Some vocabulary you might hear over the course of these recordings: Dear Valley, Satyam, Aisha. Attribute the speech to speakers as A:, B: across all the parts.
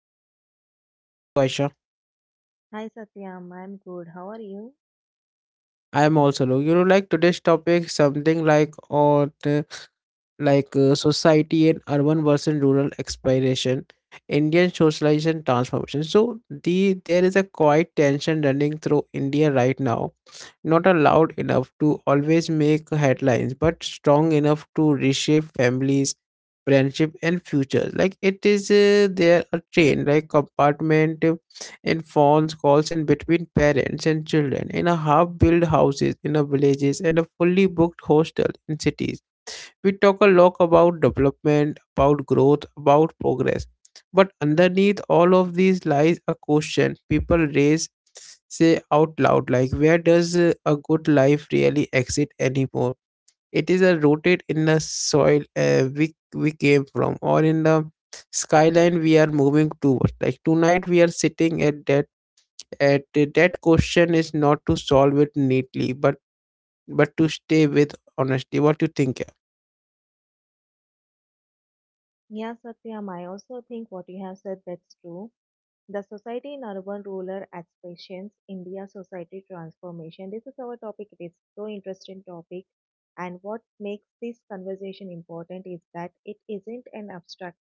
A: our co-host Aisha. How are you Aisha?
B: Hi Satyam, I'm good. How are you?
A: I am also low. You know today's topic something like on society and urban versus rural exploration, Indian socialization transformation. So, there is a quiet tension running through India right now. Not allowed enough to always make headlines, but strong enough to reshape families, friendship, and futures. Like it is there a train, like compartment in phones, calls, and between parents and children, in a half-built houses, in a villages, and a fully booked hostel in cities. We talk a lot about development, about growth, about progress. But underneath all of these lies a question people raise, say out loud, like, where does a good life really exist anymore? It is rooted in the soil uh, we came from, or in the skyline we are moving towards. Like tonight, we are sitting at that. At that question is not to solve it neatly, but to stay with honesty. What do you think?
B: Yeah, Satyam, I also think what you have said that's true. The Society in Urban Rural Aspirations, India Society Transformation. This is our topic. It is so interesting topic. And what makes this conversation important is that it isn't an abstract.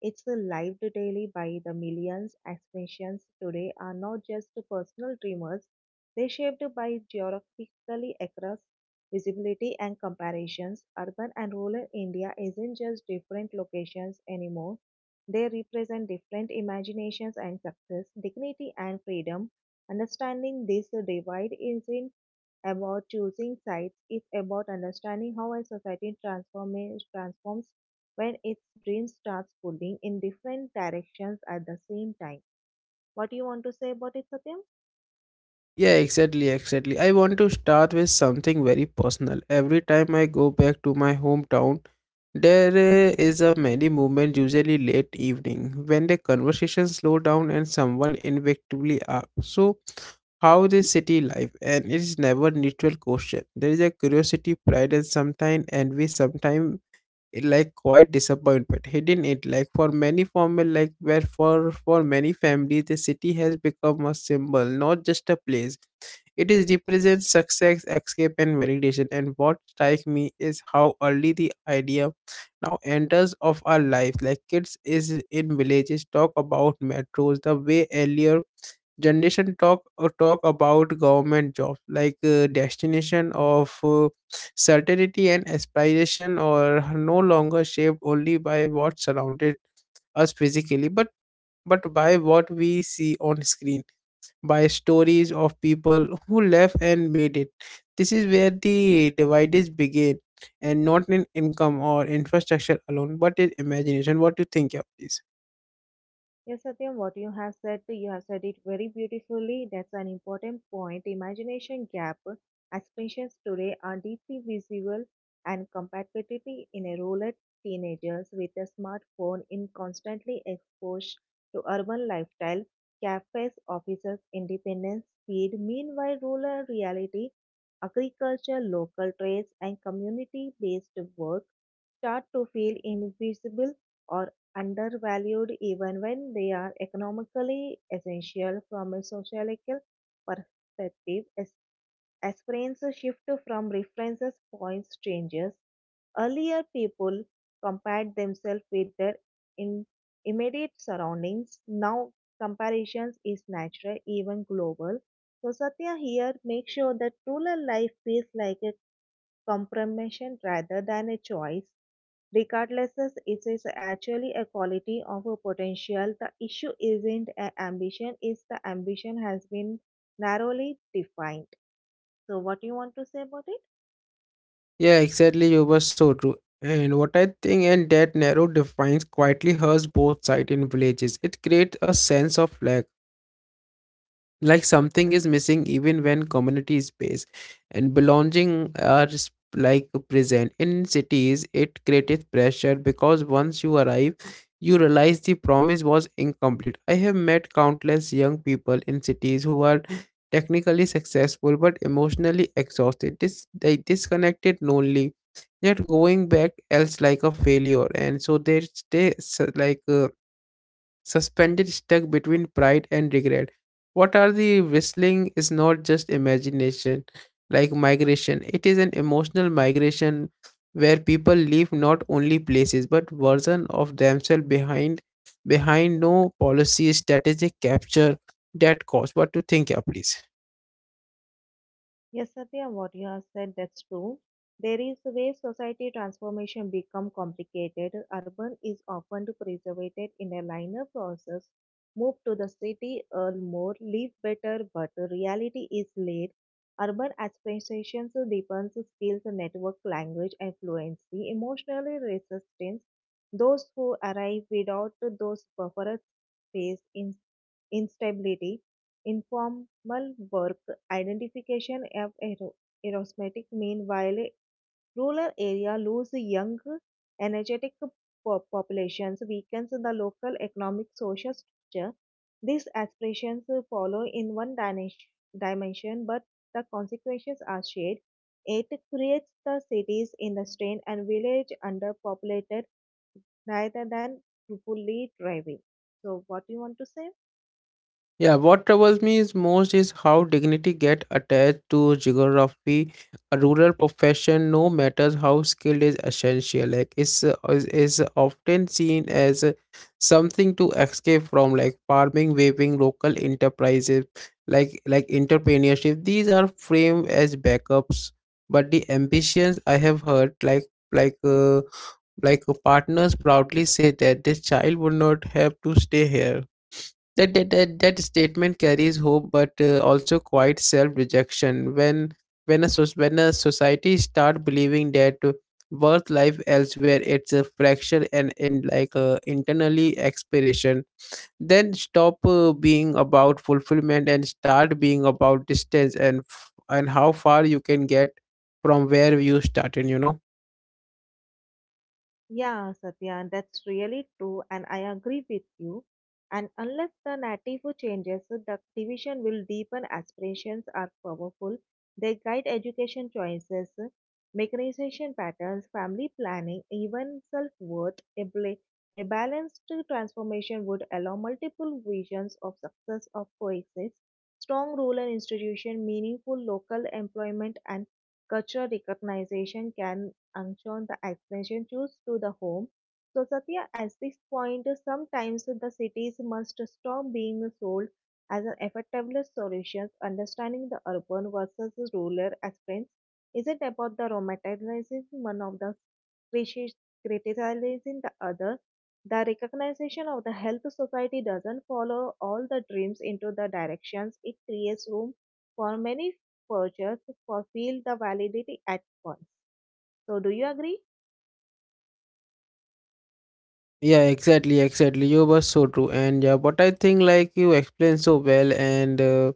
B: It's lived daily by the millions. Aspirations today are not just personal dreamers. They shaped by geographically across visibility and comparisons. Urban and rural India isn't just different locations anymore, they represent different imaginations and success, dignity and freedom. Understanding this divide isn't about choosing sides, it's about understanding how a society transforms when its dreams starts pulling in different directions at the same time. What do you want to say about it, Satyam?
A: Yeah, exactly. I want to start with something very personal. Every time I go back to my hometown, there is a many movement usually late evening when the conversation slow down and someone inevitably asks, "So, how this city life?" And it is never neutral question. There is a curiosity, pride, and sometimes envy. Sometimes like quite disappointment hidden it like for many formal like where for many families the city has become a symbol, not just a place. It is represents success, escape, and validation. And what strikes me is how early the idea now enters of our life. Like kids is in villages talk about metros the way earlier generation talk or talk about government jobs like destination of certainty and aspiration or no longer shaped only by what surrounded us physically, but by what we see on screen, by stories of people who left and made it. This is where the divides begin, and not in income or infrastructure alone, but in imagination. What do you think, yeah, please?
B: Yes, Satyam, what you have said it very beautifully. That's an important point. Imagination gap expressions today are deeply visible and compatibility in a rural teenagers with a smartphone in constantly exposed to urban lifestyle, cafes, offices, independence, speed. Meanwhile, rural reality, agriculture, local trades, and community-based work start to feel invisible or undervalued even when they are economically essential from a sociological perspective. As aspirants shift from references points changes. Earlier people compared themselves with their in- immediate surroundings. Now comparisons is natural, even global. So Satya here makes sure that rural life feels like a compromission rather than a choice. Regardless, it is actually a quality of a potential. The issue isn't a ambition, is the ambition has been narrowly defined. So, what do you want to say about it?
A: Yeah, exactly. You were so true. And what I think, and that narrow defines quietly hurts both sides in villages. It creates a sense of lack, like something is missing even when community space and belonging are like present. In cities it created pressure because once you arrive you realize the promise was incomplete. I have met countless young people in cities who are technically successful but emotionally exhausted, they disconnected, lonely, yet going back else like a failure, and so they stay suspended, stuck between pride and regret. What are the whistling is not just imagination, like migration, it is an emotional migration where people leave not only places but version of themselves behind. Behind no policy strategic capture that cost. What to think, yeah, please?
B: Yes, Satya, what you have said, that's true. There is a way society transformation become complicated. Urban is often preservated in a linear process. Move to the city, earn more, live better, but the reality is laid. Urban aspirations depends skills, network, language, and fluency, emotionally resistance. Those who arrive without those buffers face in instability, informal work, identification of aerosmetics. Meanwhile, rural area lose young, energetic populations, weakens the local economic social structure. These aspirations follow in one dimension, but the consequences are shared. It creates the cities in the strain and village underpopulated rather than fully thriving. So, what do you want to say?
A: Yeah, what troubles me is most is how dignity get attached to geography. A rural profession, no matters how skilled, is essential. Like is often seen as something to escape from, like farming, weaving, local enterprises, like entrepreneurship. These are framed as backups, but the ambitions I have heard, like uh, like, partners proudly say that this child would not have to stay here. That statement carries hope, but also quite self-rejection. When a society start believing that worth life elsewhere, it's a fracture and in like internally expiration. Then stop being about fulfillment and start being about distance and and how far you can get from where you started. You know.
B: Yeah, Satya, that's really true, and I agree with you. And unless the native changes, so the division will deepen. Aspirations are powerful. They guide education choices, mechanization patterns, family planning, even self-worth. A balanced transformation would allow multiple visions of success of coexist. Strong rural institution, meaningful local employment, and cultural recognition can Angchon, the expansion tours to the home. So, Satya, at this point, sometimes the cities must stop being sold as an effective solution. Understanding the urban versus rural experience isn't about the romanticizing one of the crisis- criticizing the other. The recognition of the health society doesn't follow all the dreams into the directions. It creates room for many purchase for feel the validity at once. So, do you agree?
A: Yeah, exactly. You were so true, and yeah, but I think like you explained so well, and. Uh,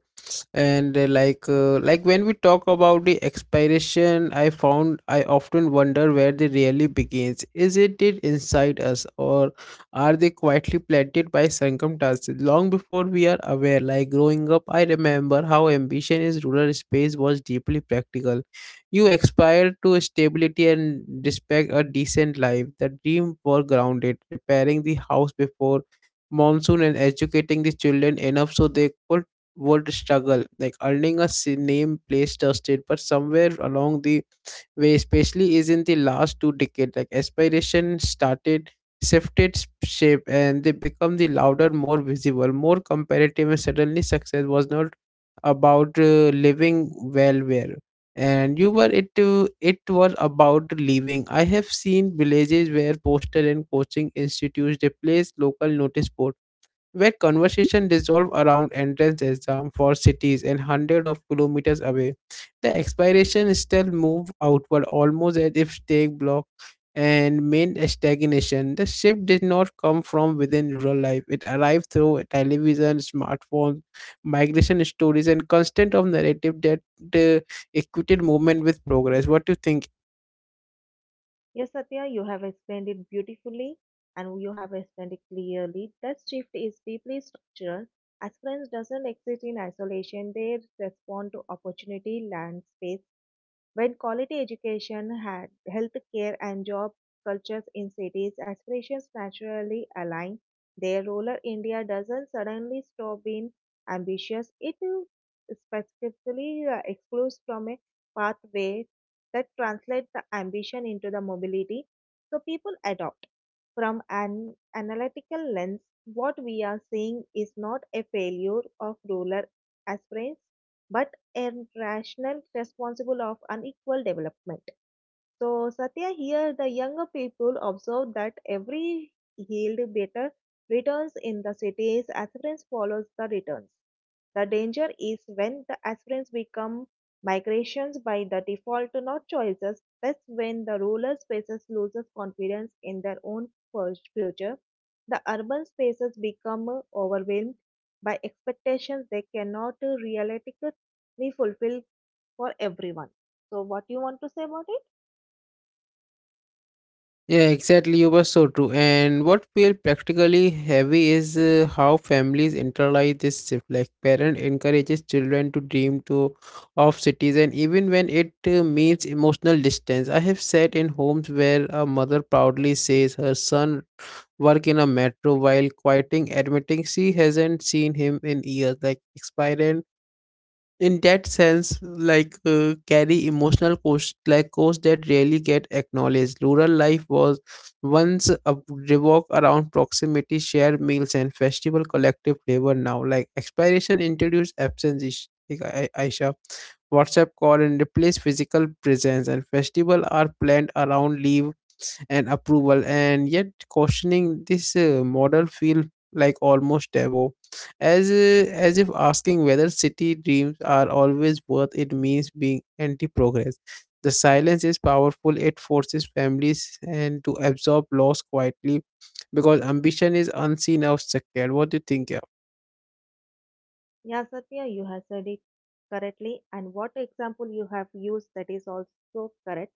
A: and uh, like uh, like when we talk about the expiration, I found I often wonder where they really begins. Is it inside us, or are they quietly planted by circumstances long before we are aware? Like growing up I remember how ambition in rural space was deeply practical. You aspired to stability and respect, a decent life. The dream were grounded repairing the house before monsoon and educating the children enough so they could would struggle, like earning a name place trusted. But somewhere along the way, especially is in the last two decades, like aspiration started shifted shape, and they become the louder, more visible, more comparative. And suddenly success was not about living well where and you were it was about living. I have seen villages where postal and coaching institutes replaced local notice board, where conversation dissolve around entrance exam for cities and hundreds of kilometers away. The expiration still move outward almost as if stake block and main stagnation. The shift did not come from within rural life. It arrived through television, smartphones, migration stories, and constant of narrative that uh, equated movement with progress. What do you think?
B: Yes, Satya, you have explained it beautifully and you have explained it clearly. That shift is deeply structural. Aspirants doesn't exist in isolation, they respond to opportunity, landscape. When quality education had health care and job cultures in cities, aspirations naturally align. Their rural India doesn't suddenly stop being ambitious. It specifically excludes from a pathway that translates the ambition into the mobility. So people adopt from an analytical lens. What we are seeing is not a failure of rural aspirants, but and rational responsible of unequal development. So, Satya, here the younger people observe that every yield better returns in the cities, aspirants follows the returns. The danger is when the aspirants become migrations by the default, not choices. That's when the rural spaces loses confidence in their own future. The urban spaces become overwhelmed by expectations they cannot realistically fulfill for everyone. So, what you want to say about it?
A: Yeah, exactly. You were so true. And what feel practically heavy is how families internalize this shift. Like parent encourages children to dream to of cities, and even when it means emotional distance. I have sat in homes where a mother proudly says her son work in a metro while quieting admitting she hasn't seen him in years. Like expiring in that sense like carry emotional costs, like costs that rarely get acknowledged. Rural life was once a revolved around proximity, shared meals and festival, collective labor. Now like expiration introduced absence. Aisha, WhatsApp call and replace physical presence, and festival are planned around leave and approval. And yet questioning this model feel like almost taboo, as if asking whether city dreams are always worth it means being anti progress. The silence is powerful. It forces families and to absorb loss quietly because ambition is unseen or secured. What do you think?
B: Yeah, Satya, you have said it correctly, and what example you have used that is also correct.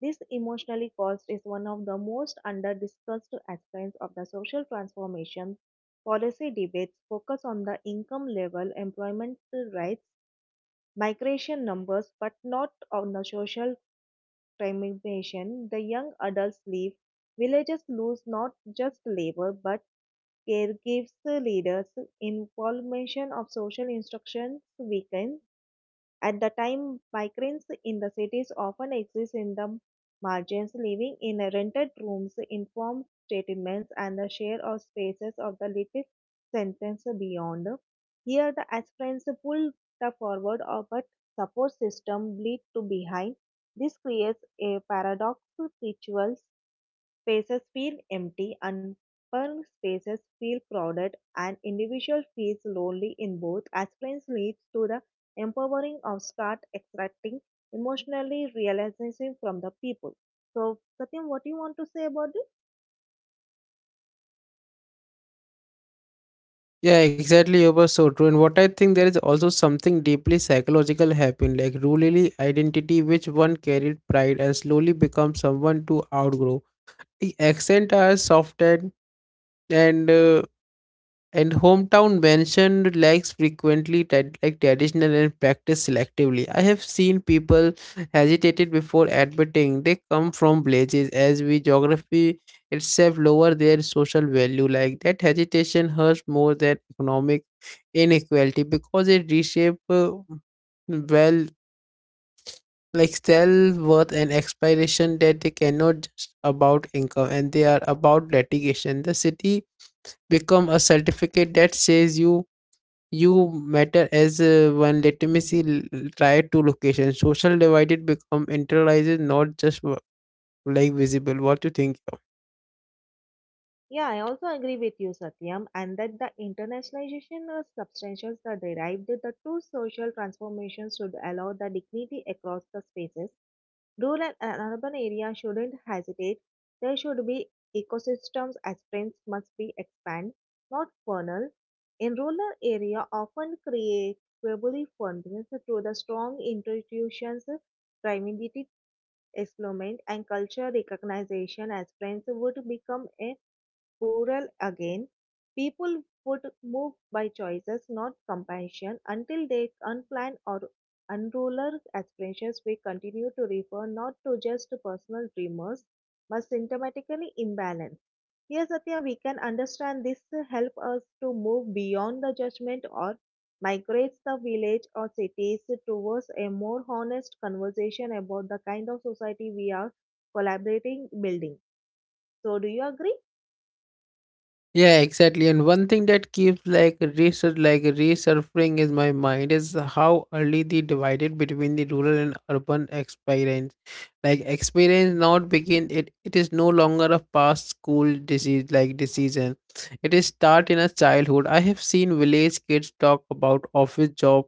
B: This emotionally cost is one of the most under discussed aspects of the social transformation. Policy debates focus on the income level, employment rights, migration numbers, but not on the social transformation. The young adults leave. Villages lose not just labor but caregivers, leaders, information of social instructions weaken at the time, migrants in the cities often exist in the margins, living in rented rooms, informed statements, and the share of spaces of the little sentence beyond. Here, the aspirants pull the forward of but support system bleed to behind. This creates a paradox rituals spaces feel empty, and urban spaces feel crowded, and individual feels lonely in both. As friends leads to the empowering of start extracting emotionally realization from the people. So, Satyam, what do you want to say about this?
A: Yeah, exactly. You were so true. And what I think, there is also something deeply psychological happening, like rural identity, which one carried pride and slowly becomes someone to outgrow. The accent are softened and and hometown mentioned lacks frequently, like traditional and practice selectively. I have seen people hesitated before admitting they come from villages as we geography itself lower their social value. Like that hesitation hurts more than economic inequality because it reshape well like self worth and aspiration, that they cannot just about income and they are about litigation. The city become a certificate that says you matter as one legitimacy Try two locations. Social divided become internalized, not just like visible. What you think?
B: Yeah, I also agree with you, Satyam, and that the internationalization of substantials that derived the true social transformations should allow the dignity across the spaces. Rural and urban areas shouldn't hesitate. There should be ecosystems as friends must be expand, not funnel. In rural area often create verbally fondness to the strong institutions, community development and culture recognition as friends would become a rural again, people would move by choices, not compassion, until they unplanned or unruler aspirations we continue to refer not to just personal dreamers, but symptomatically imbalance. Here, Satya, we can understand this to help us to move beyond the judgment or migrates the village or cities towards a more honest conversation about the kind of society we are collaborating building. So, do you agree?
A: Yeah, exactly. And one thing that keeps like research like resurfacing is my mind is how early the divided between the rural and urban experience. Like experience not begin. It is no longer a past school disease like decision. It is start in a childhood. I have seen village kids talk about office job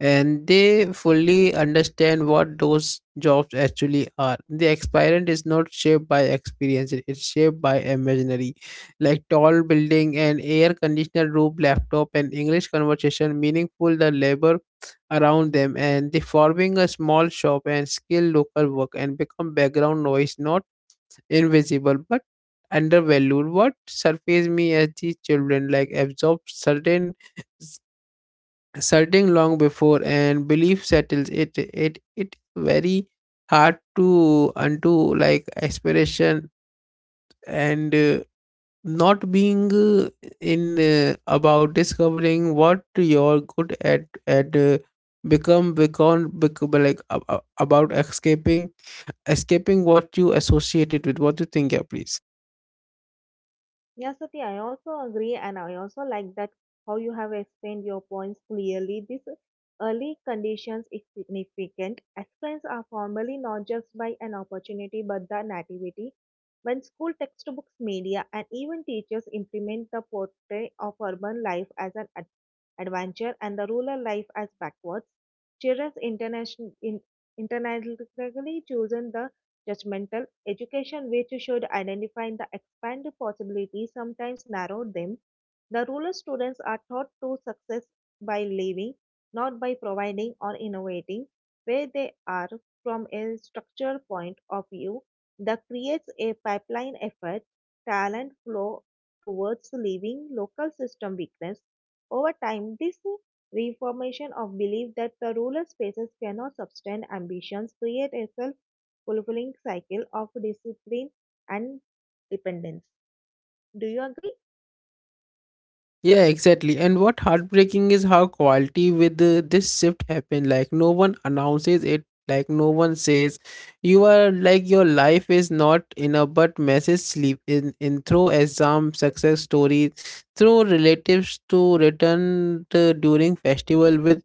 A: and they fully understand what those jobs actually are. The experience is not shaped by experience, it is shaped by imaginary, like tall building, an air conditioner room, laptop, and English conversation, meaningful the labor around them, and they forming a small shop and skill local work and become background noise, not invisible but undervalued. What surface me as these children like absorb certain, long before, and belief settles it it very hard to undo. Like aspiration and not being in about discovering what you're good at become like about escaping, escaping what you associated with. What do you think, yeah, please?
B: Yes, Sati, I also agree, and I also like that how you have explained your points clearly. This early conditions is significant. Accidents are formally not just by an opportunity but the nativity. When school textbooks, media, and even teachers implement the portrait of urban life as an adventure and the rural life as backwards, children internationally chosen the judgmental education which should identify the expand the possibilities, sometimes narrow them. The rural students are taught to success by living, not by providing or innovating, where they are from a structural point of view. That creates a pipeline effect, talent flow towards leaving local system weakness. Over time, this reformation of belief that the rural spaces cannot sustain ambitions create a self fulfilling cycle of discipline and dependence. Do you agree?
A: Yeah, exactly. And what heartbreaking is how quality with this shift happened. Like no one announces it. Like no one says, you are like your life is not in a, but message sleep in through exam success stories, through relatives to return to during festival with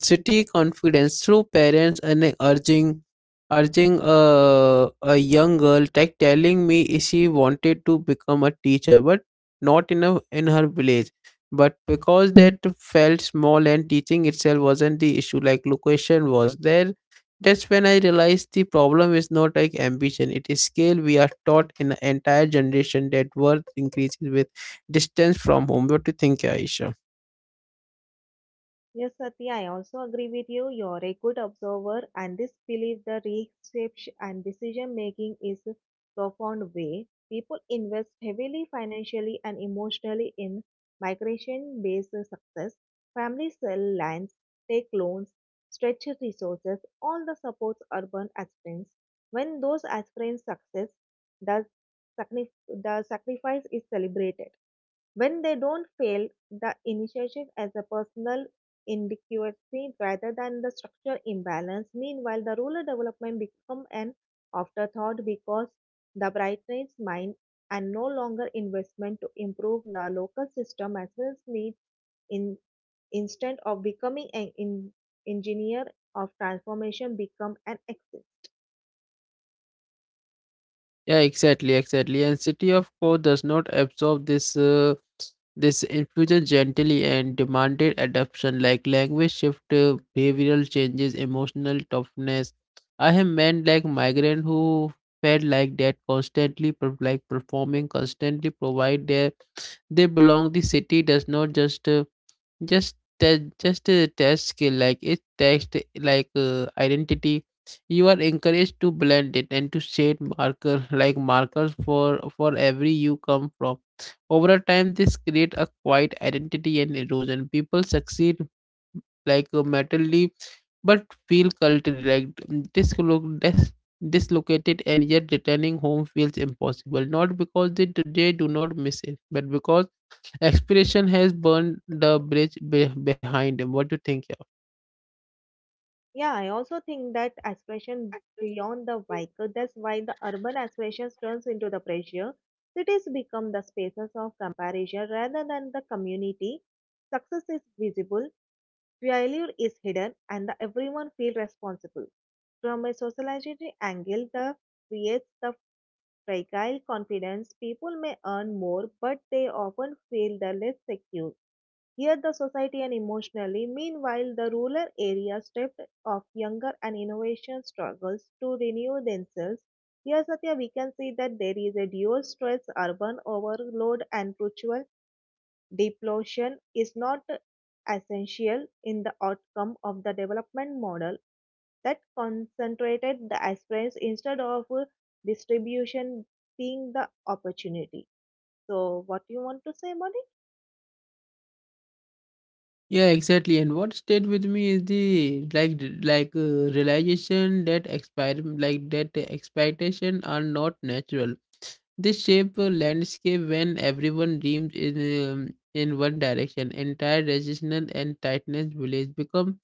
A: city confidence, through parents and urging, urging a young girl like telling me she wanted to become a teacher but not in a, in her village, but because that felt small, and teaching itself wasn't the issue, like location was there. That's when I realized the problem is not like ambition, it is scale. We are taught in an entire generation that worth increases with distance from home. What do you think, Aisha?
B: Yes, Satya, I also agree with you. You're a good observer, and this belief, the research and decision making is a profound way. People invest heavily financially and emotionally in migration based success. Families sell lands, take loans, stretch resources, all the supports urban aspirants. When those aspirants success, the, the sacrifice is celebrated when they don't fail the initiative as a personal inadequacy rather than the structural imbalance. Meanwhile, the rural development become an afterthought because the brightens mind and no longer investment to improve the local system as well as needs in instead of becoming an engineer of transformation become an axis.
A: Yeah, exactly. And City of Code does not absorb this this infusion gently and demanded adoption, like language shift, behavioral changes, emotional toughness. I have men like migrant who felt like that constantly, like performing constantly provide their they belong. The city does not just a test skill like it text identity. You are encouraged to blend it and to shade marker like markers for every you come from. Over a time this create a quiet identity and erosion people succeed mentally but feel culturally like dislo- dis- dislocated, and yet returning home feels impossible, not because they do not miss it but because expiration has burned the bridge behind him. What do you think? Yeah.
B: Yeah, I also think that aspiration beyond the vehicle, that's why the urban aspirations turns into the pressure. Cities become the spaces of comparison rather than the community. Success is visible, failure is hidden, and the everyone feel responsible. From a sociology angle, the creates the fragile confidence. People may earn more, but they often feel the less secure. Here the society and emotionally. Meanwhile, the rural areas, stripped of younger and innovation struggles to renew themselves. Here, Satya, we can see that there is a dual stress, urban overload and perpetual depletion is not essential in the outcome of the development model that concentrated the aspirants instead of distribution being the opportunity. So, what you want to say about it?
A: Yeah, exactly. And what stayed with me is the realization that expire like that the expectation are not natural. They shape a landscape when everyone dreams in one direction. Entire regional and tightness village become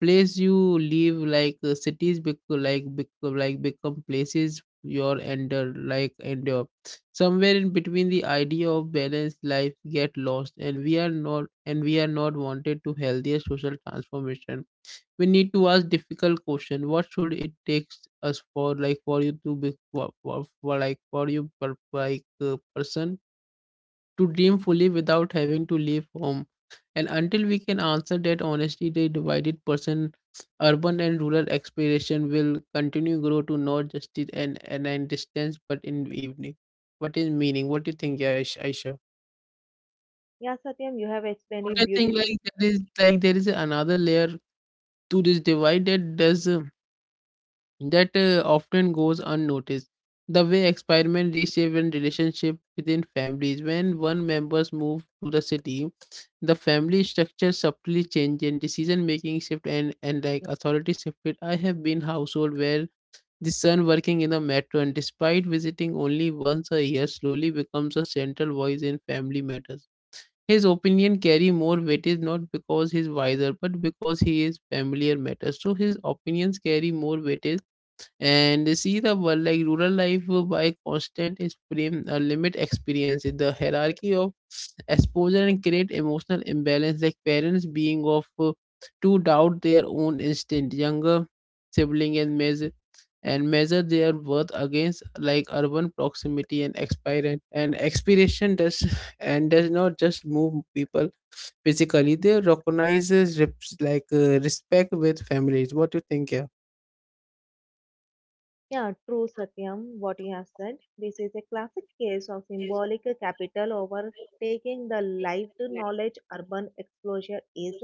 A: place you live cities become like become places your ender endure somewhere in between. The idea of balanced life get lost and we are not wanted to healthier social transformation. We need to ask difficult question: what should it takes us for you to be for you person to dream fully without having to leave home. And until we can answer that honestly, the divided person urban and rural exploration will continue grow to not just it and distance but in evening what is meaning. What do you think, Aisha?
B: Yeah, Satyam, you have explained
A: What
B: it
A: I think,
B: beautifully.
A: there is another layer to this divide that does that often goes unnoticed. The way experiment reshape and relationship within families. When one members move to the city, the family structure subtly changes and decision making shift and authority shifted. I have been household where the son working in the metro, and despite visiting only once a year, slowly becomes a central voice in family matters. His opinion carry more weightage not because he's wiser but because he is familiar matters. So his opinions carry more weightage and see the world like rural life by constant is frame a limit experience. The hierarchy of exposure and create emotional imbalance like parents being of to doubt their own instinct, younger sibling and measure their worth against like urban proximity and expiration does not just move people physically. They recognizes respect with families. What do you think? Yeah.
B: Yeah, true, Satyam, what you have said. This is a classic case of symbolic capital overtaking the lived knowledge urban exposure is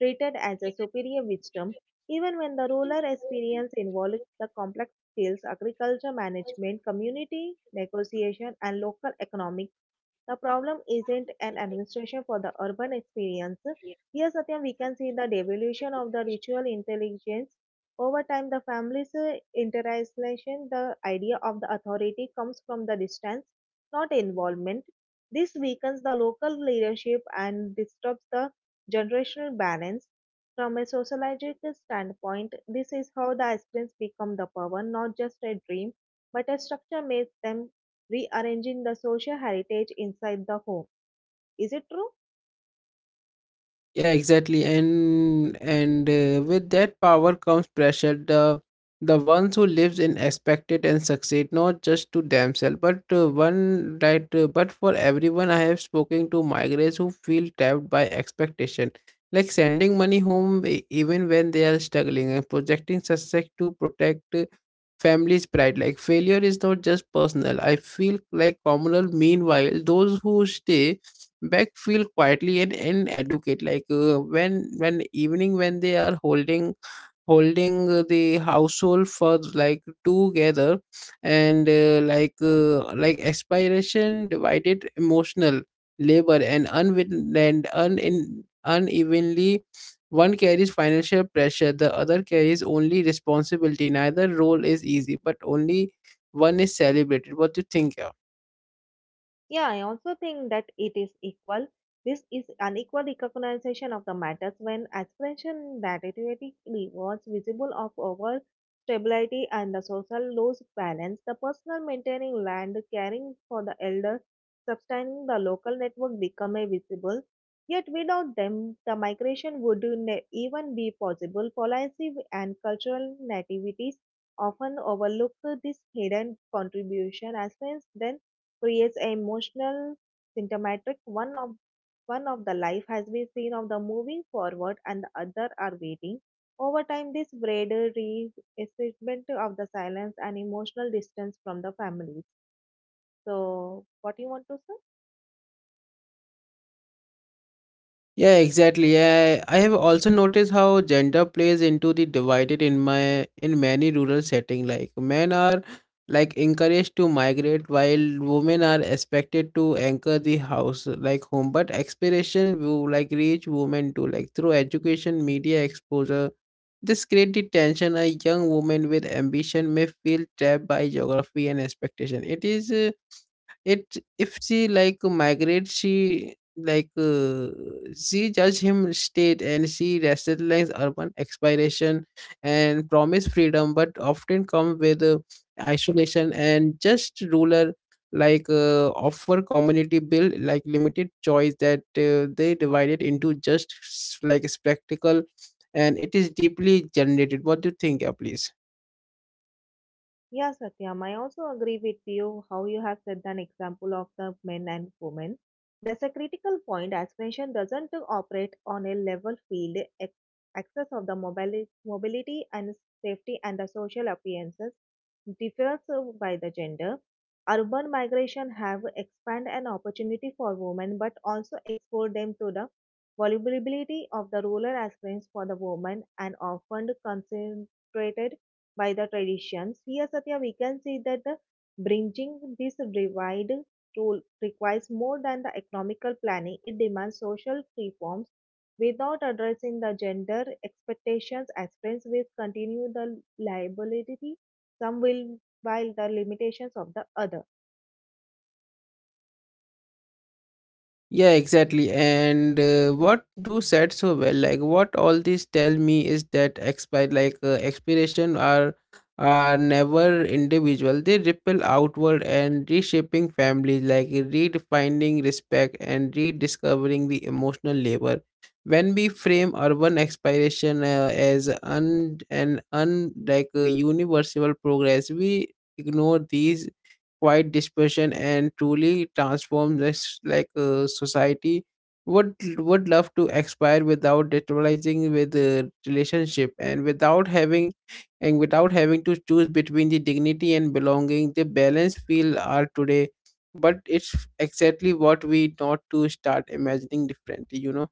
B: treated as a superior wisdom, even when the rural experience involves the complex skills, agriculture management, community negotiation, and local economic the problem isn't an administration for the urban experience. Here, Satyam, we can see the devolution of the ritual intelligence. Over time, the family's internalization, the idea of the authority comes from the distance, not involvement. This weakens the local leadership and disturbs the generational balance. From a sociological standpoint, this is how the aspirants become the power, not just a dream, but a structure makes them rearranging the social heritage inside the home. Is it true?
A: Yeah, exactly. And with that power comes pressure. The ones who lives in expected and succeed not just to themselves, but but for everyone. I have spoken to migrants who feel trapped by expectation, like sending money home even when they are struggling, and projecting success to protect family's pride. Like failure is not just personal. I feel like communal. Meanwhile, those who stay backfield quietly and educate when evening when they are holding the household for like together, and like aspiration divided emotional labor and unwin and unin unevenly. One carries financial pressure, the other carries only responsibility. Neither role is easy, but only one is celebrated. What do you think?
B: Yeah, I also think that it is equal. This is unequal recognition of the matters when expression narrativity rewards visible of over stability and the social loss balance. The personal maintaining land, caring for the elder, sustaining the local network become a visible. Yet without them, the migration would even be possible. Policy and cultural nativities often overlook this hidden contribution as friends then creates a emotional symptomatic. One of the life has been seen of the moving forward and the other are waiting. Over time, this braided reassessment of the silence and emotional distance from the families. So, what you want to say?
A: Yeah, exactly. Yeah, I have also noticed how gender plays into the divided in many rural setting. Like men are encouraged to migrate, while women are expected to anchor the house like home. But aspiration will like reach women too, like through education, media exposure. This creates the tension. A young woman with ambition may feel trapped by geography and expectation. It is. It If she like migrate, like uh, she judge him state, and she rationalize urban expiration and promise freedom but often come with isolation. And just ruler offer community build like limited choice that they divided into just spectacle, and it is deeply generated. What do you think? Yeah, please.
B: Yeah, Satyam, I also agree with you how you have set an example of the men and women. That's a critical point. Aspiration doesn't operate on a level field. Access of the mobility and safety and the social appearances differs by the gender. Urban migration have expand an opportunity for women, but also exposed them to the vulnerability of the rural aspirants for the women and often concentrated by the traditions. Here, Satya, we can see that the bridging this divide tool requires more than the economical planning. It demands social reforms without addressing the gender expectations. Aspirants will continue the liability, some will while the limitations of the other.
A: Yeah, exactly. And what do said so well, like what all this tell me is that expire like expiration are never individual. They ripple outward and reshaping families, like redefining respect and rediscovering the emotional labor. When we frame urban expiration as un an un like universal progress, we ignore these quiet dispersion, and truly transform this society would love to expire without destabilizing with the relationship, and without having to choose between the dignity and belonging. The balance feel are today, but it's exactly what we not to start imagining differently, you know.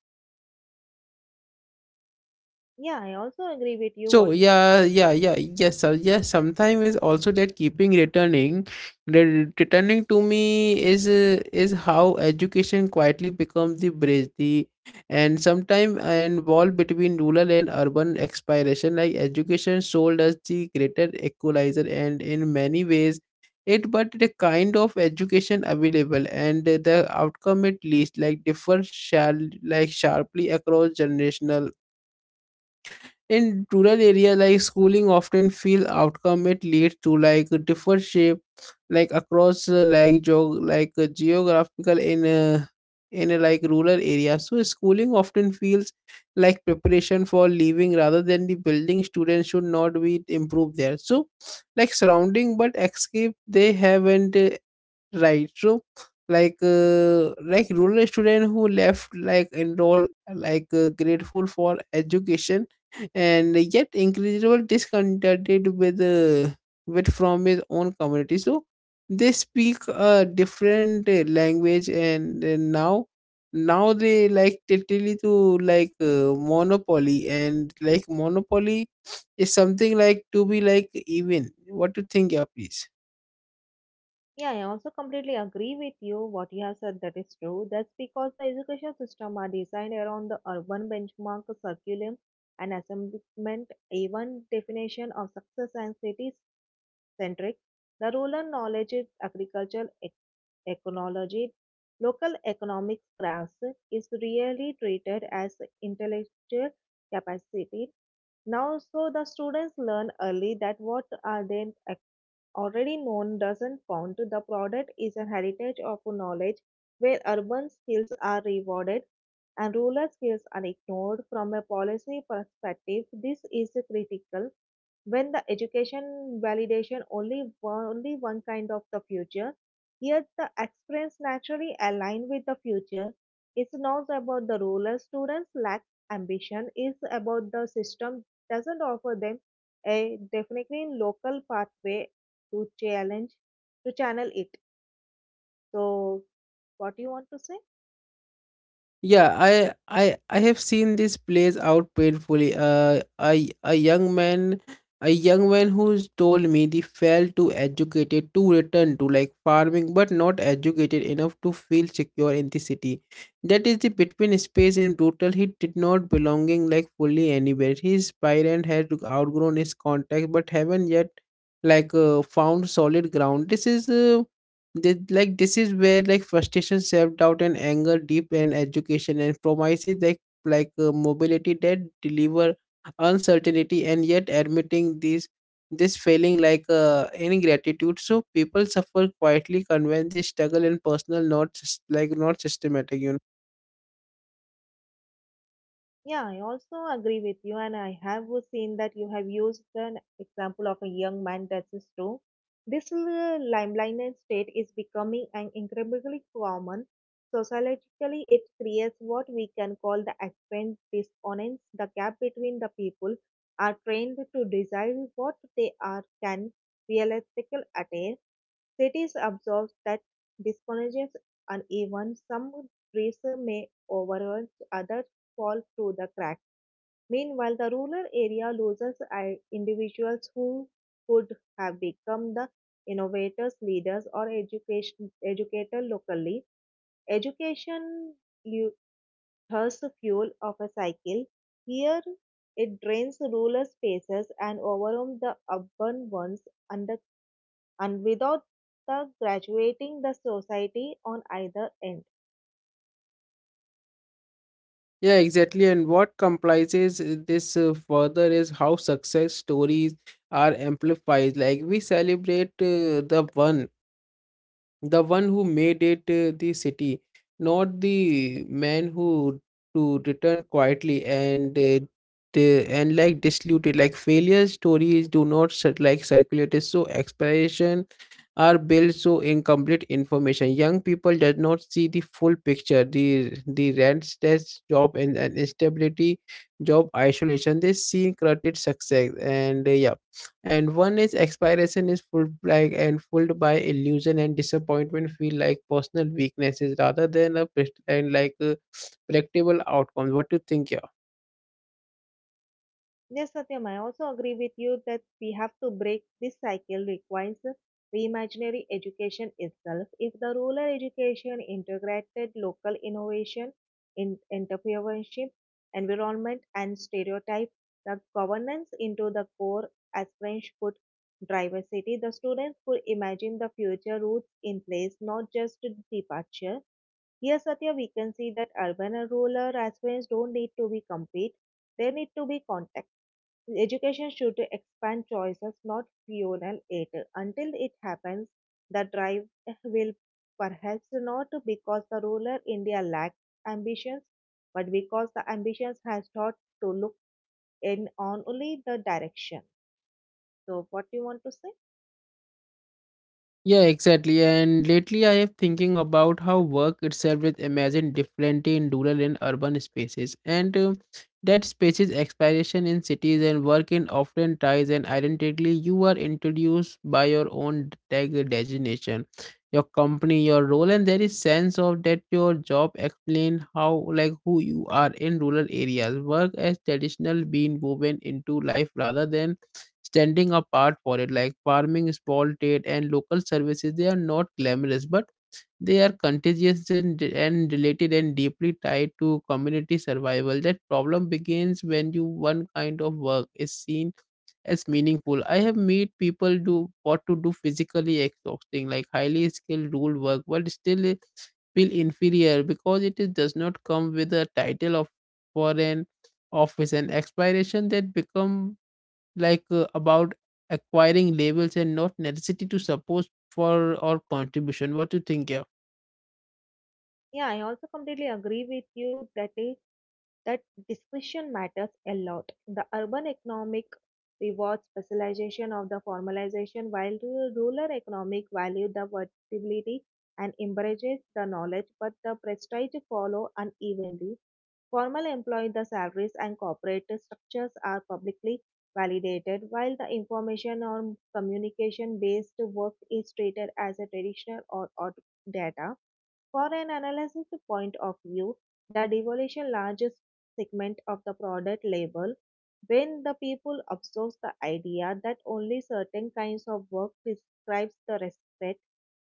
B: Yeah, I also agree with you.
A: So
B: What?
A: yeah, yeah, yeah, yes, sir. Yes, sometimes is also that keeping returning, returning to me is how education quietly becomes the bridge, the and sometimes involved between rural and urban expiration. Like education sold us the greater equalizer, and in many ways, it but the kind of education available and the outcome it least like differ shall sharply across generational in rural area like schooling often feel outcome it leads to like a different shape like across geographical in a like rural area. So schooling often feels like preparation for living rather than the building. Students should not be improved there, so like surrounding but escape they haven't. Right. So, rural student who left, enroll, grateful for education, and yet incredible discontented with from his own community. So they speak a different language, and now they like totally to monopoly, and like monopoly is something like to be like even. What to think? Yeah, please.
B: Yeah, I also completely agree with you what you have said, that is true. That's because the education system are designed around the urban benchmark, curriculum, and assessment, even definition of success and cities centric. The rural knowledge is agricultural ecology. Local economic crafts is really treated as intellectual capacity. Now, so the students learn early that what are they already known doesn't count. The product is a heritage of knowledge where urban skills are rewarded and rural skills are ignored. From a policy perspective, this is critical. When the education validation only one kind of the future, here the experience naturally align with the future. It's not about the rural students lack ambition. It's about the system doesn't offer them a definitely local pathway to challenge to channel it. So what do you want to say?
A: Yeah, I have seen this plays out painfully. A young man, a young man who's told me they fell too educated to return to like farming, but not educated enough to feel secure in the city. That is the between space and brutal. He did not belonging like fully anywhere. His parent had outgrown his contact, but haven't yet found solid ground. This is where like frustration, self-doubt and anger deep, and education and promises like mobility that deliver uncertainty. And yet admitting these this feeling ingratitude, so people suffer quietly, convinced they struggle and personal, not not systematic, you know.
B: Yeah, I also agree with you, and I have seen that you have used an example of a young man, that is true. This limelight state is becoming an incredibly common. Sociologically, it creates what we can call the apparent dissonance, the gap between the people are trained to desire what they are can realistically attain. Cities observe that disconnection and even some trees may overrun other fall through the cracks. Meanwhile, the rural area loses individuals who could have become the innovators, leaders, or education, educator locally. Education lu- thirsts the fuel of a cycle. Here, it drains rural spaces and overwhelms the urban ones, under, and without the graduating the society on either end.
A: Yeah, exactly. And what comprises this further is how success stories are amplified, like we celebrate the one who made it the city, not the man who to return quietly and diluted. Like failure stories do not circulate. It's so exploration are built so incomplete information. Young people does not see the full picture. The restless job and instability, job isolation. They see corrupted success and one is expiration is full like and fueled by illusion, and disappointment feel like personal weaknesses rather than a pres- and like predictable outcomes. What do you think? Yeah?
B: Yes, Satyam, I also agree with you that we have to break this cycle requires reimaginary education itself. If the rural education integrated local innovation, in entrepreneurship, environment and stereotype, the governance into the core as French put diversity, the students could imagine the future routes in place, not just departure. Here, Satya, we can see that urban and rural aspirants don't need to be compete. There need to be context. Education should expand choices, not fuel it. Until it happens, the drive will perhaps not because the ruler India lacks ambitions, but because the ambitions has taught to look in on only the direction. So, what you want to say?
A: Yeah, exactly. And lately I have thinking about how work itself is imagined differently in rural and urban spaces. And That spaces expiration in cities and work in often ties and identically. You are introduced by your own tag designation, your company, your role, and there is sense of that your job explain how like who you are. In rural areas, work as traditional being woven into life rather than standing apart for it, like farming, small trade and local services. They are not glamorous, but they are contagious and related and deeply tied to community survival. That problem begins when you one kind of work is seen as meaningful. I have made people do what to do physically exhausting like highly skilled rule work, but still feel inferior because it is, does not come with a title of for an office. And expiration that become about acquiring labels and not necessity to support for or contribution. What do you think here?
B: Yeah, I also completely agree with you that is that discretion matters a lot. The urban economic rewards specialization of the formalization, while rural economic value the versatility and embraces the knowledge, but the prestige follow unevenly. Formal employee the salaries and corporate structures are publicly validated, while the information or communication based work is treated as a traditional or odd data. For an analysis point of view, the devolution largest segment of the product label when the people absorbs the idea that only certain kinds of work prescribes the respect,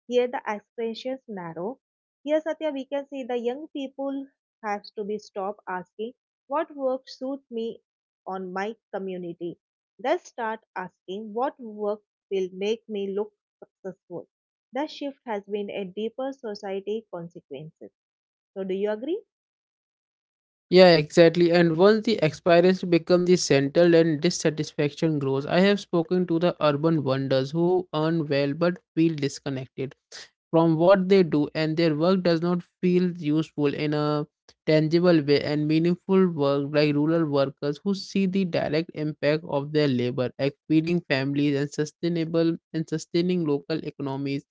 B: here the expressions narrow. Here, Satya, we can see the young people have to be stopped asking what work suits me on my community. They start asking what work will make me look successful. The shift has been a deeper society consequences. So do you agree?
A: Yeah, exactly. And once the experience becomes the central and dissatisfaction grows, I have spoken to the urban wonders who earn well but feel disconnected from what they do, and their work does not feel useful in a tangible way. And meaningful work like rural workers who see the direct impact of their labor, like feeding families and sustaining local economies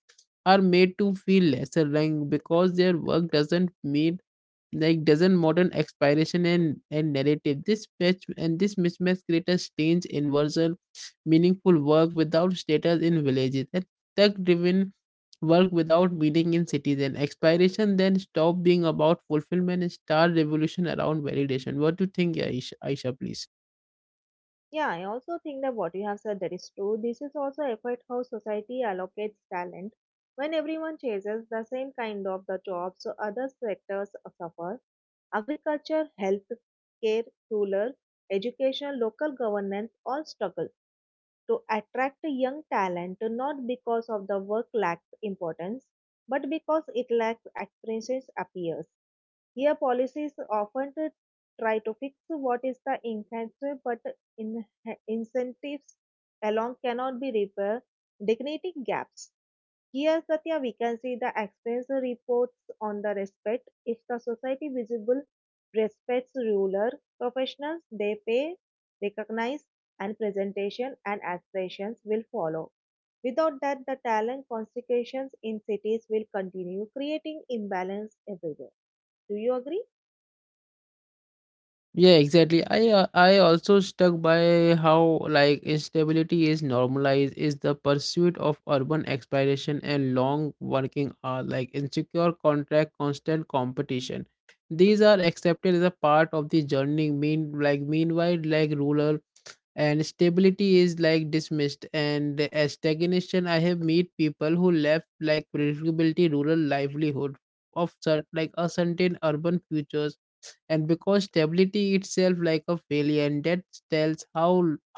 A: are made to feel lesser like because their work doesn't meet like doesn't modern expiration and narrative this match. And this mismatch create a strange inversion: meaningful work without status in villages, and tech driven work without meaning in cities. And expiration then stop being about fulfillment and start revolution around validation. What do you think, Aisha, please?
B: Yeah, I also think that what you have said that is true. This is also affect how society allocates talent. When everyone chases the same kind of the job, so other sectors suffer. Agriculture, health care, rural, education, local governance all struggle to attract young talent, not because of the work lacks importance, but because it lacks experiences appears. Here, policies often to try to fix what is the inherent, but incentives alone cannot be repair dignity gaps. Here, Satya, we can see the experience reports on the respect. If the society visible respects ruler professionals, they pay, recognize, and presentation and aspirations will follow. Without that, the talent consequences in cities will continue, creating imbalance everywhere. Do you agree?
A: Yeah, exactly. I also stuck by how like instability is normalized is the pursuit of urban exploration and long working hours, like insecure contract, constant competition. These are accepted as a part of the journey. Mean like meanwhile, like rural and stability is like dismissed and as stagnation. I have met people who left like predictability rural livelihood like uncertain urban futures, and because stability itself like a failure. And that tells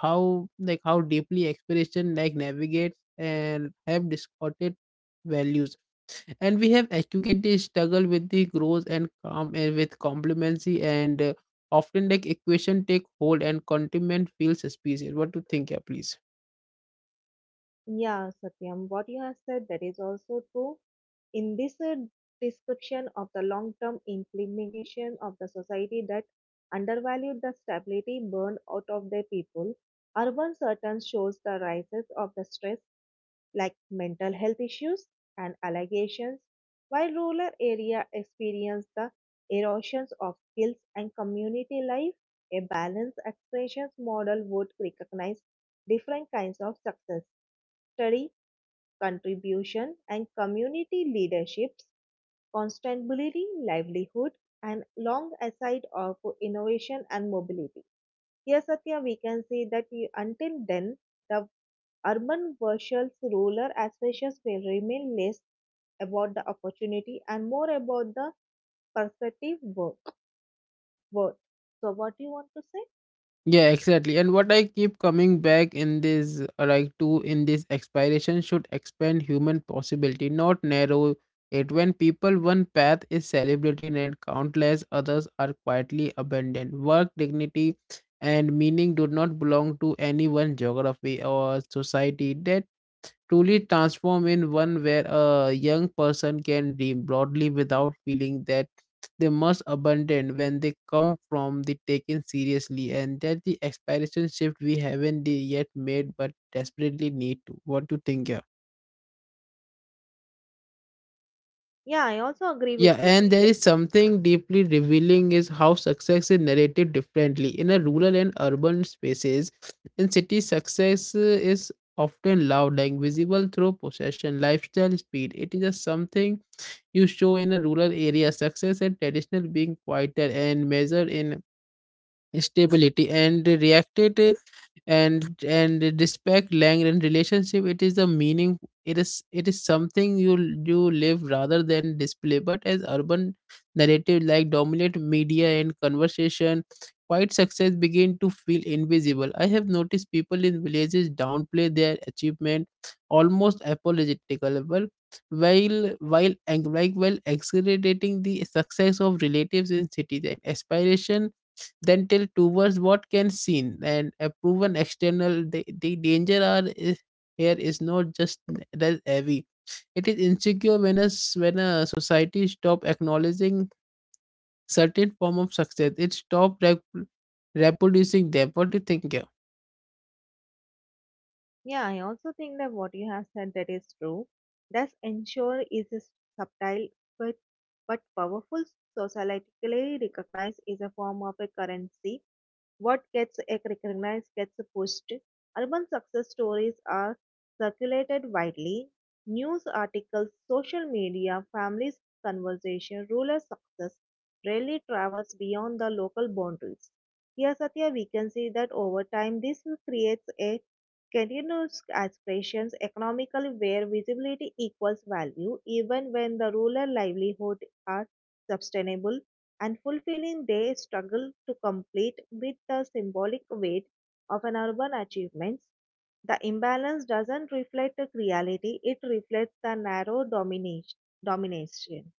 A: how like how deeply expression like navigates and have distorted values. And we have educated the struggle with the growth and calm and with complacency, and often like equation take hold and contentment feels suspicious. What do you think? Yeah, please.
B: Yeah, Satyam, what you have said, that is also true. In this description of the long-term implication of the society that undervalued the stability burned out of their people, urban certain shows the rises of the stress like mental health issues and allegations, while rural area experience the erosions of skills and community life. A balanced expressions model would recognize different kinds of success, study contribution and community leaderships, constantly livelihood, and long aside of innovation and mobility. Here, Satya, we can say that until then, the urban versus rural aspirations will remain less about the opportunity and more about the perspective work worth. So, what do you want to say?
A: Yeah, exactly. And what I keep coming back in this like to in this expiration should expand human possibility, not narrow it. When people one path is celebrated and countless others are quietly abandoned, work dignity and meaning do not belong to any one geography or society. That truly transform in one where a young person can dream broadly without feeling that they must abandon when they come from the taken seriously, and that the aspiration shift we haven't yet made but desperately need to. What do you think here?
B: Yeah, I also agree with
A: Yeah,
B: you.
A: and there is something deeply revealing is how success is narrated differently in a rural and urban spaces. In cities, success is often loud and visible through possession lifestyle speed. It is a something you show. In a rural area, success and traditional being quieter and measured in stability and reacted, and respect language and relationship, it is the meaning. It is something you you live rather than display. But as urban narrative like dominate media and conversation, quite success begin to feel invisible. I have noticed people in villages downplay their achievement almost apologetical. Well, like while exaggerating the success of relatives in cities, and aspiration dental towards what can seen and a proven external. The danger are is, here, is not just that heavy, it is insecure. When a, when a society stop acknowledging certain form of success, reproducing them. What do you think here?
B: Yeah, I also think that what you have said that is true. Thus, ensure is a subtle but but powerful societally recognized is a form of a currency. What gets recognized gets pushed. Urban success stories are circulated widely. News articles, social media, families' conversation, rural success rarely travels beyond the local boundaries. Here, Satya, we can see that over time, this creates a continuous aspirations economically where visibility equals value, even when the rural livelihood are sustainable and fulfilling they struggle to complete with the symbolic weight of an urban achievement. The imbalance doesn't reflect a reality, it reflects the narrow domination.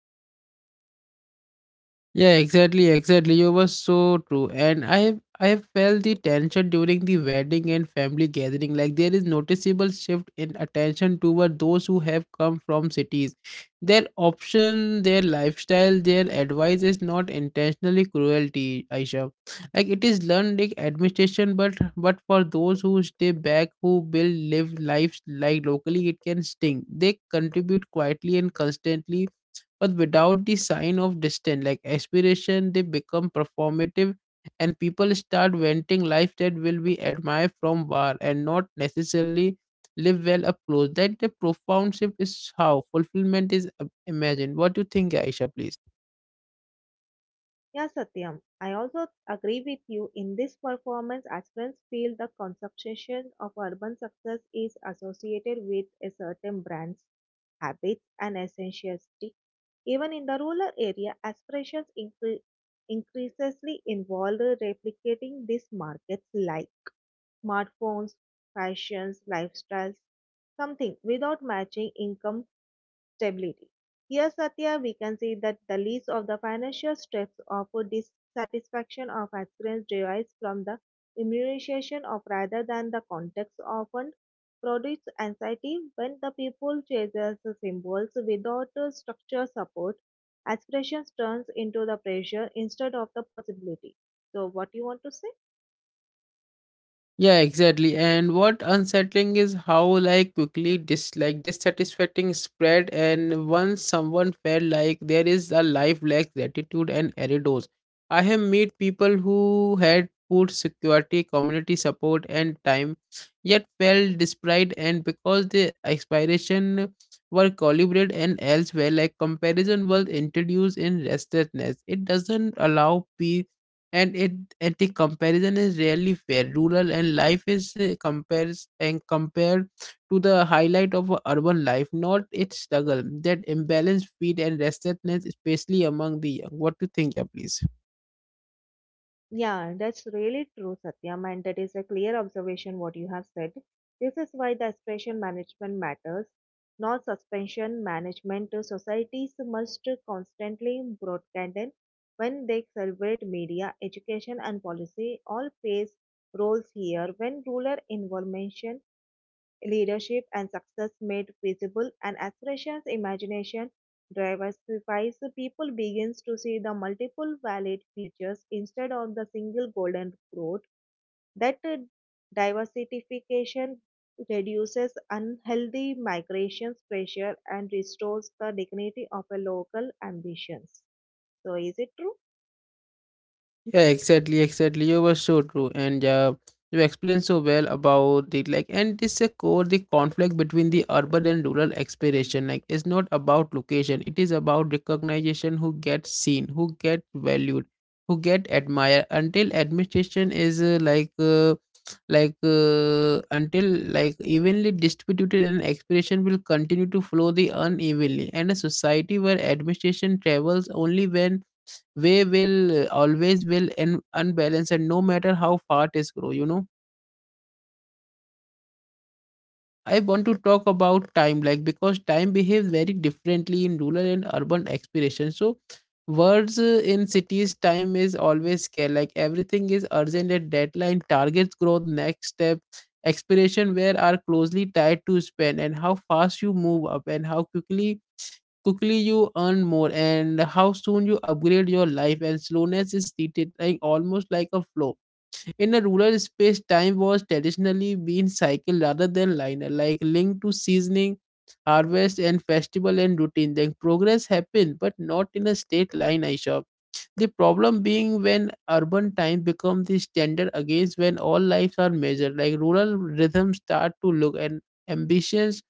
A: Yeah, exactly, exactly. You were so true. And I have felt the tension during the wedding and family gathering. Like there is noticeable shift in attention toward those who have come from cities. Their option, their lifestyle, their advice is not intentionally cruelty, Aisha. Like it is learned like administration, but for those who stay back, who build live lives like locally, it can sting. They contribute quietly and constantly, but without the sign of distance like aspiration, they become performative, and people start venting life that will be admired from far and not necessarily live well up close. That the profound shift is how fulfillment is imagined. What do you think, Aisha? Please.
B: Yeah, Satyam. I also agree with you. In this performance, aspirants feel the conception of urban success is associated with a certain brand's habits and essentiality. Even in the rural area, aspirations increasingly involve replicating these markets like smartphones, fashions, lifestyles, something without matching income stability. Here, Satya, we can see that the least of the financial stress or dissatisfaction of aspirants derives from the immunization of rather than the context often produces anxiety when the people chases symbols without a support. Aspirations turns into the pressure instead of the possibility. So, what you want to say?
A: Yeah, exactly. And what unsettling is how like quickly dis like dissatisfying spread, and once someone felt like there is a life lack gratitude and errors. I have met people who had food security, community support and time, yet felt desperate, and because the expiration were calibrated and elsewhere, like comparison was introduced in restlessness. It doesn't allow peace, and it, and the comparison is rarely fair. Rural and life is compares and compared to the highlight of a urban life, not its struggle. That imbalance feed and restlessness, especially among the young. What do you think? Yeah, please.
B: Yeah, that's really true, Satyam, and that is a clear observation what you have said. This is why the expression management matters, not suspension management. Societies must constantly broadcast them when they celebrate media, education, and policy all plays roles here. When ruler involvement leadership and success made visible and aspirations imagination diversifies, the people begins to see the multiple valid futures instead of the single golden growth that diversification reduces unhealthy migration pressure and restores the dignity of a local ambitions. So is it true?
A: Yeah, exactly, exactly. You were so true, and you explained so well about it. Like, and this a core the conflict between the urban and rural exploration. Like, it's not about location; it is about recognition. Who gets seen, who get valued, who get admired. Until administration is until like evenly distributed, and exploration will continue to flow the unevenly. And a society where administration travels only when way will always will and unbalance, and no matter how fast it grow, you know. I want to talk about time, like, because time behaves very differently in rural and urban expiration. So words, in cities, time is always scarce, like everything is urgent and deadline targets growth next step. Expiration where are closely tied to spend and how fast you move up and how quickly you earn more and how soon you upgrade your life, and slowness is treated like almost like a flow. In a rural space, time was traditionally being cycled rather than linear, like linked to seasoning, harvest, and festival and routine. Then progress happened, but not in a straight line, I saw. The problem being when urban time becomes the standard against when all lives are measured, like rural rhythms start to look and ambitions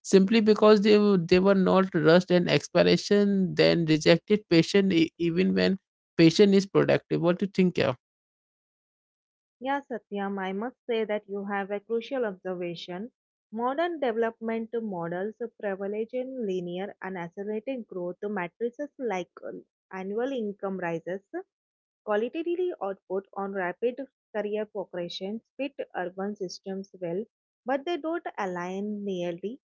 A: simply because they were not rushed, and expiration then rejected patient, even when patient is productive. What do you think, Kev?
B: Yeah, Satyam, I must say that you have a crucial observation. Modern development models privilege in linear and accelerated growth matrices like annual income rises, qualitatively output on rapid career progression fit urban systems well, but they don't align nearly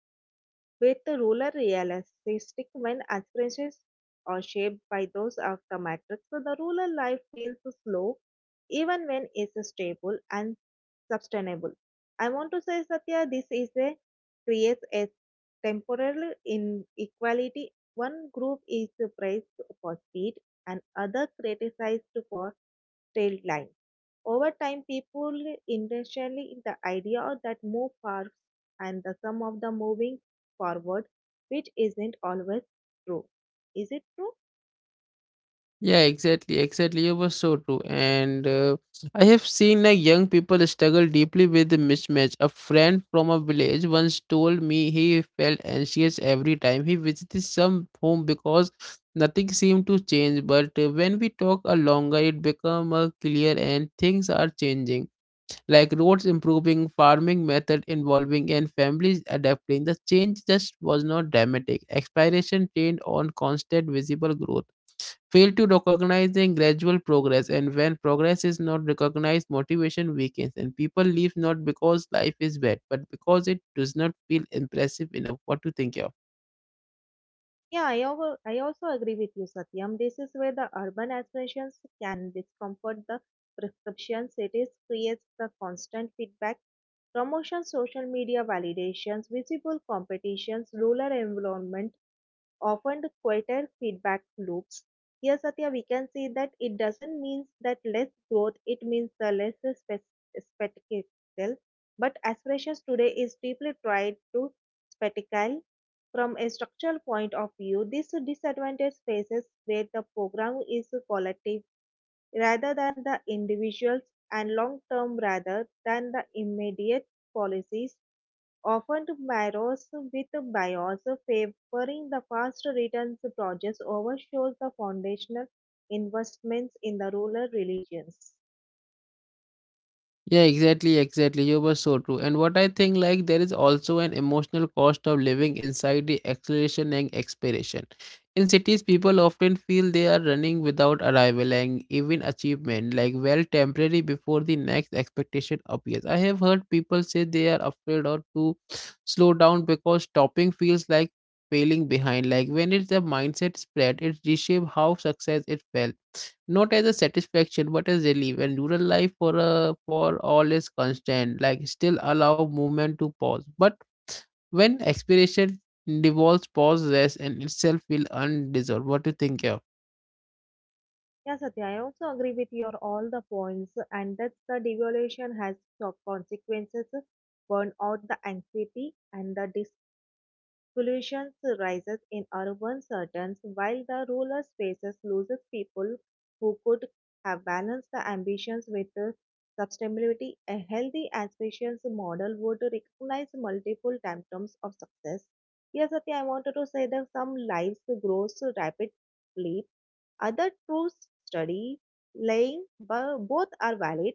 B: with the ruler realistic when aspirations are shaped by those of the matrix. So the rural life feels slow even when it's stable and sustainable. I want to say, Satya, this is a creates a temporary inequality. One group is praised for speed and other criticized for tail line. Over time, people initially the idea that move fast and the sum of the moving forward, which isn't always true. Is it true?
A: Yeah, exactly, exactly. You were so true. And I have seen like young people struggle deeply with the mismatch. A friend from a village once told me he felt anxious every time he visited some home because nothing seemed to change. But when we talk a longer, it become clear and things are changing. Like roads improving, farming method evolving, and families adapting. The change just was not dramatic. Expiration trained on constant visible growth fail to recognize the gradual progress, and when progress is not recognized, motivation weakens, and people leave not because life is bad but because it does not feel impressive enough. What to think of?
B: Yeah, I also agree with you, Satyam. This is where the urban aspirations can discomfort the prescription cities, creates the constant feedback, promotion, social media validations, visible competitions, rural environment often quieter feedback loops. Here, Satya, we can see that it doesn't mean that less growth, it means the less spectacle. But aspirations today is deeply tied to spectacle. From a structural point of view, this disadvantage spaces where the program is collective rather than the individuals and long term rather than the immediate policies often mirrors with bias favoring the fast returns projects overshows the foundational investments in the rural religions.
A: Yeah, exactly, exactly. You were so true. And what I think, like, there is also an emotional cost of living inside the acceleration and expiration. In cities, people often feel they are running without arrival, and even achievement, like, well, temporary before the next expectation appears. I have heard people say they are afraid or to slow down because stopping feels like failing behind. Like, when it's a mindset spread, it reshapes how success it felt, not as a satisfaction but as relief. And rural life for all is constant, like still allow movement to pause, but when expiration devolves pause rest and itself will undissolved. What do you think here?
B: Yeah, Satya, I also agree with your all the points, and that the devaluation has consequences, burn out the anxiety, and the pollution rises in urban centers, while the rural spaces loses people who could have balanced the ambitions with the sustainability. A healthy and spacious model would recognize multiple symptoms of success. Yes, Satya, I wanted to say that some lives grow so rapidly, other to study, laying, both are valid.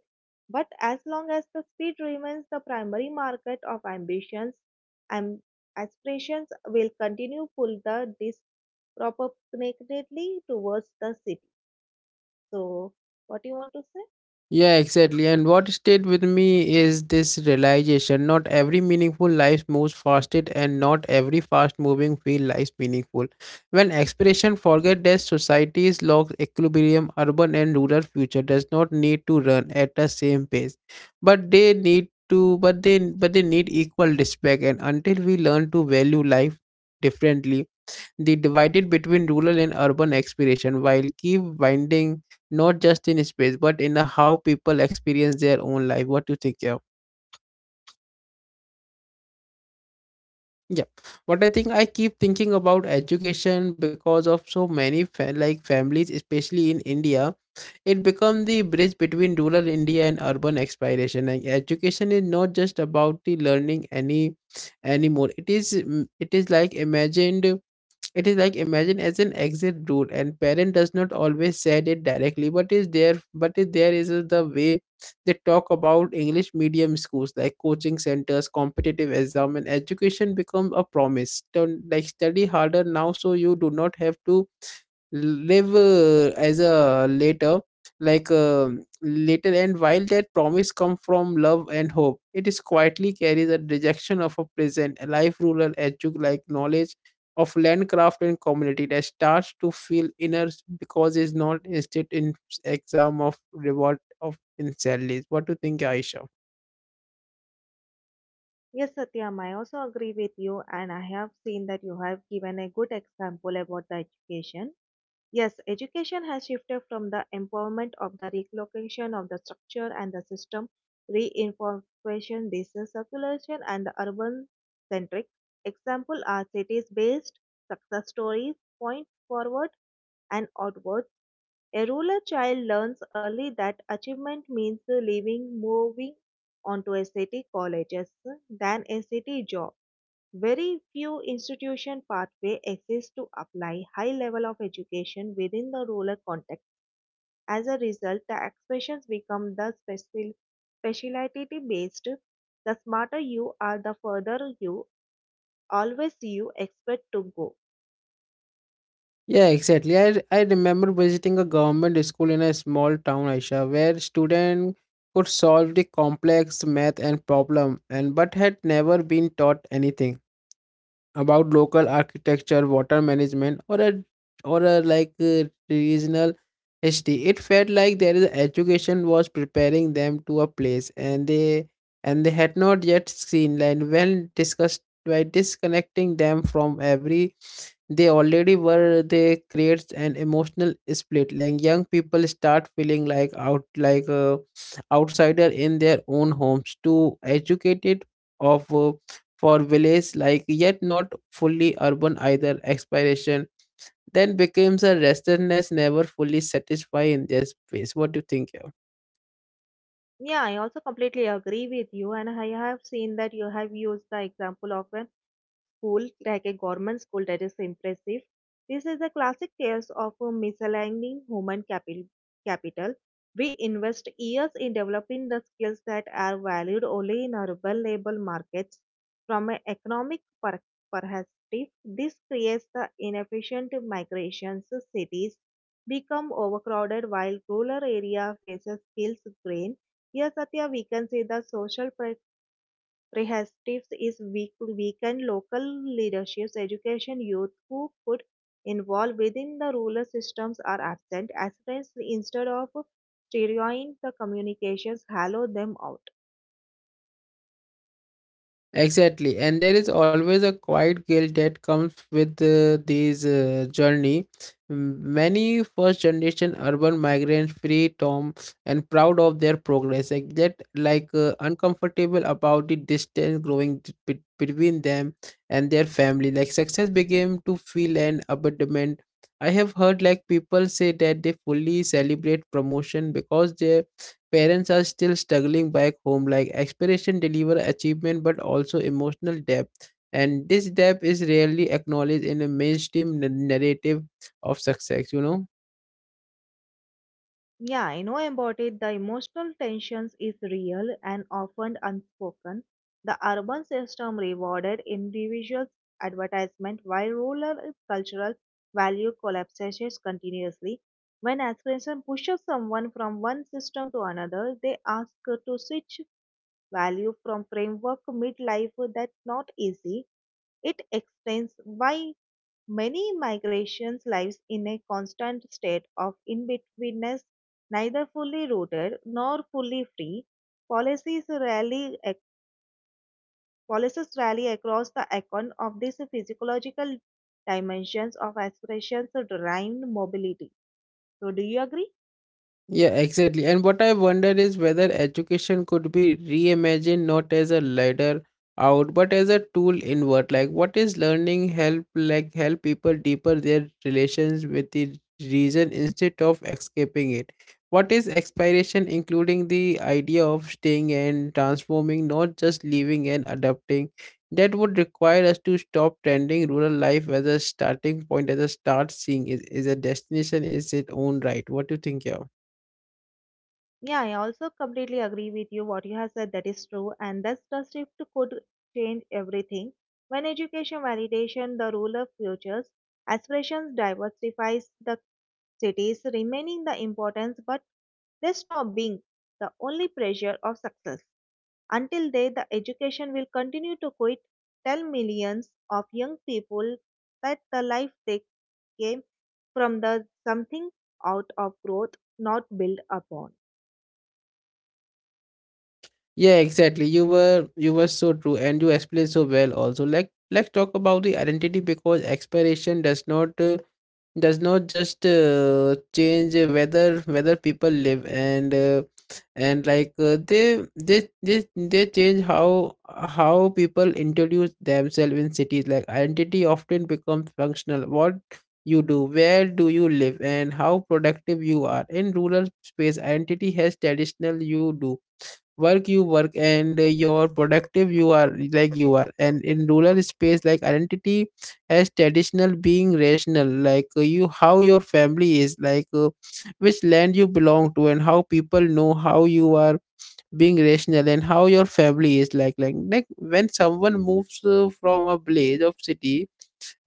B: But as long as the speed remains the primary market of ambitions, aspirations will continue pull the disproportionately towards the city. So, what do you want to say?
A: Yeah, exactly. And what stayed with me is this realization. Not every meaningful life moves fasted, and not every fast moving feel life meaningful. When expression forget that, society's lost equilibrium. Urban and rural future does not need to run at the same pace, but they need to, but they need equal respect. And until we learn to value life differently, they divided between rural and urban exploration while keep winding, not just in space but in how people experience their own life. What do you think? Yeah. Yeah, what I think, I keep thinking about education because of so many like families, especially in India, it become the bridge between rural India and urban exploration. And education is not just about the learning anymore. It is mm, it is like imagined. It is like imagine as an exit route, and parent does not always said it directly, but is there, but is the way they talk about English medium schools like coaching centers, competitive exam, and education become a promise. Don't like study harder now, so you do not have to live as a later, like uh, later. And while that promise come from love and hope, it is quietly carries a rejection of a present a life rural like knowledge of landcraft and community that starts to feel inner because it's not instead in exam of reward of in salaries. What do you think, Aisha?
B: Yes, Satyam, I also agree with you, and I have seen that you have given a good example about the education. Yes, education has shifted from the empowerment of the relocation of the structure and the system, reinforcement, distance circulation, and the urban centric. Example are cities based success stories, point forward and outward. A rural child learns early that achievement means leaving, moving on to a city colleges, than a city job. Very few institution pathway exist to apply high level of education within the rural context. As a result, the expressions become the special, speciality based. The smarter you are, the further you always you expect to go.
A: Yeah, exactly. I, I remember visiting a government school in a small town, Aisha, where students could solve the complex math and problem and but had never been taught anything about local architecture, water management, or a like regional history. It felt like their education was preparing them to a place, and they had not yet seen. And when discussed by disconnecting them from every they already were, they creates an emotional split. Like young people start feeling like out, like outsider in their own homes, too educated of for villages, like yet not fully urban either. Expiration then becomes a restlessness, never fully satisfied in their space. What do you think?
B: Yeah, I also completely agree with you, and I have seen that you have used the example of an school, like a government school, that is impressive. This is a classic case of a misaligned human capital. We invest years in developing the skills that are valued only in urban labor markets. From an economic perspective, this creates the inefficient migrations. Cities become overcrowded while rural area faces skills drain. Here, Satya, we can see the social Rehashtips is weak, weakened local leaderships, education, youth who could involve within the rural systems are absent. Aspirants, instead of steering the communications, hollow them out.
A: Exactly, and there is always a quiet guilt that comes with these journey. Many first generation urban migrants, free tom and proud of their progress, like that like uncomfortable about the distance growing between them and their family. Like success began to feel an abandonment. I have heard like people say that they fully celebrate promotion because they parents are still struggling back home, like aspiration deliver achievement but also emotional depth. And this depth is rarely acknowledged in a mainstream narrative of success, you know.
B: Yeah, I know about it. The emotional tensions is real and often unspoken. The urban system rewarded individuals advertisement while rural cultural value collapses continuously. When aspiration pushes someone from one system to another, they ask to switch value from framework midlife. That's not easy. It explains why many migrations lives in a constant state of in-betweenness, neither fully rooted nor fully free. Policies rally, policies rally across the icon of these physiological dimensions of aspirations derived mobility. So, do you agree?
A: Yeah, exactly. And what I wonder is whether education could be reimagined, not as a ladder out, but as a tool inward. Like, what is learning help? Like, help people deeper their relations with the reason instead of escaping it. What is expiration, including the idea of staying and transforming, not just living and adapting? That would require us to stop trending rural life as a starting point, as a start seeing is a destination is its own right. What do you think? Yeah?
B: Yeah, I also completely agree with you. What you have said that is true, and that's the shift could change everything. When education validation the role of futures, aspirations diversifies the cities remaining the importance but they stop being the only pressure of success. Until they, the education will continue to quit, tell millions of young people that the life they came from the something out of growth, not built upon.
A: Yeah, exactly. You were so true and you explained so well also. Like, let's talk about the identity because expiration does not just change whether people live and, they change how people introduce themselves. In cities, like, identity often becomes functional. What you do, where do you live, and how productive you are. In rural space, identity has traditional. You do work, you work, and you productive you are, like you are. And in rural space, like identity as traditional being rational, like you how your family is, like which land you belong to and how people know how you are, being rational and how your family is like. Like when someone moves from a village of city,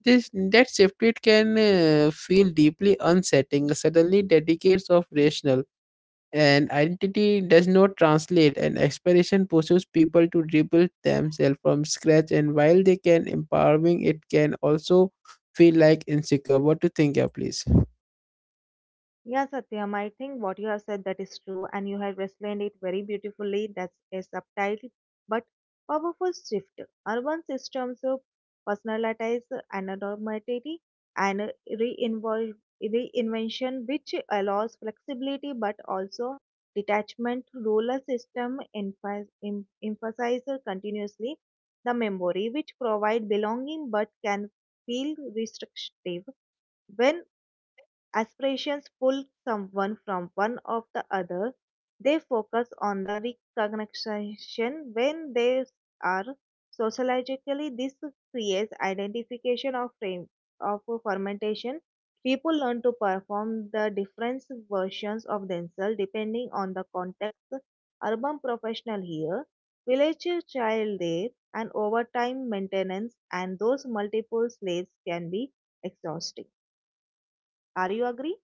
A: this, that shift, it can feel deeply unsettling. Suddenly dedicates of rational and identity does not translate, and expiration pushes people to rebuild themselves from scratch. And while they can empowering, it can also feel like insecure. What to think? Yeah, please.
B: Yeah, Satyam, I think what you have said that is true, and you have explained it very beautifully. That's a subtle but powerful shift. Urban systems of personalize anonymity and reinvol- reinvention, which allows flexibility but also detachment. Rural system emphasize continuously the memory, which provide belonging but can feel restrictive when aspirations pull someone from one of the other. They focus on the recognition when they are sociologically. This creates identification of frame of fermentation. People learn to perform the different versions of themselves depending on the context. Urban professional here, village child there, and overtime maintenance, and those multiple slaves can be exhausting. Are you agree?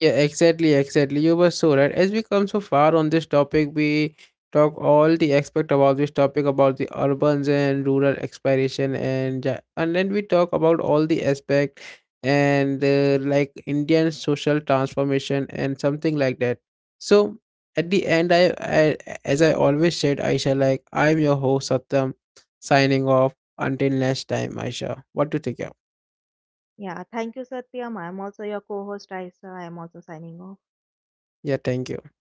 A: Yeah, exactly, exactly. You were so right. As we come so far on this topic, we talk all the aspect about this topic about the urbans and rural exploration and and then we talk about all the aspect and like Indian social transformation and something like that. So at the end, I as I always said, Aisha, like I'm your host Satyam, signing off until next time, Aisha. What do you think? Yeah,
B: Yeah, thank you, Satyam. I'm also your co host, Aisa. I'm also signing off.
A: yeah, thank you.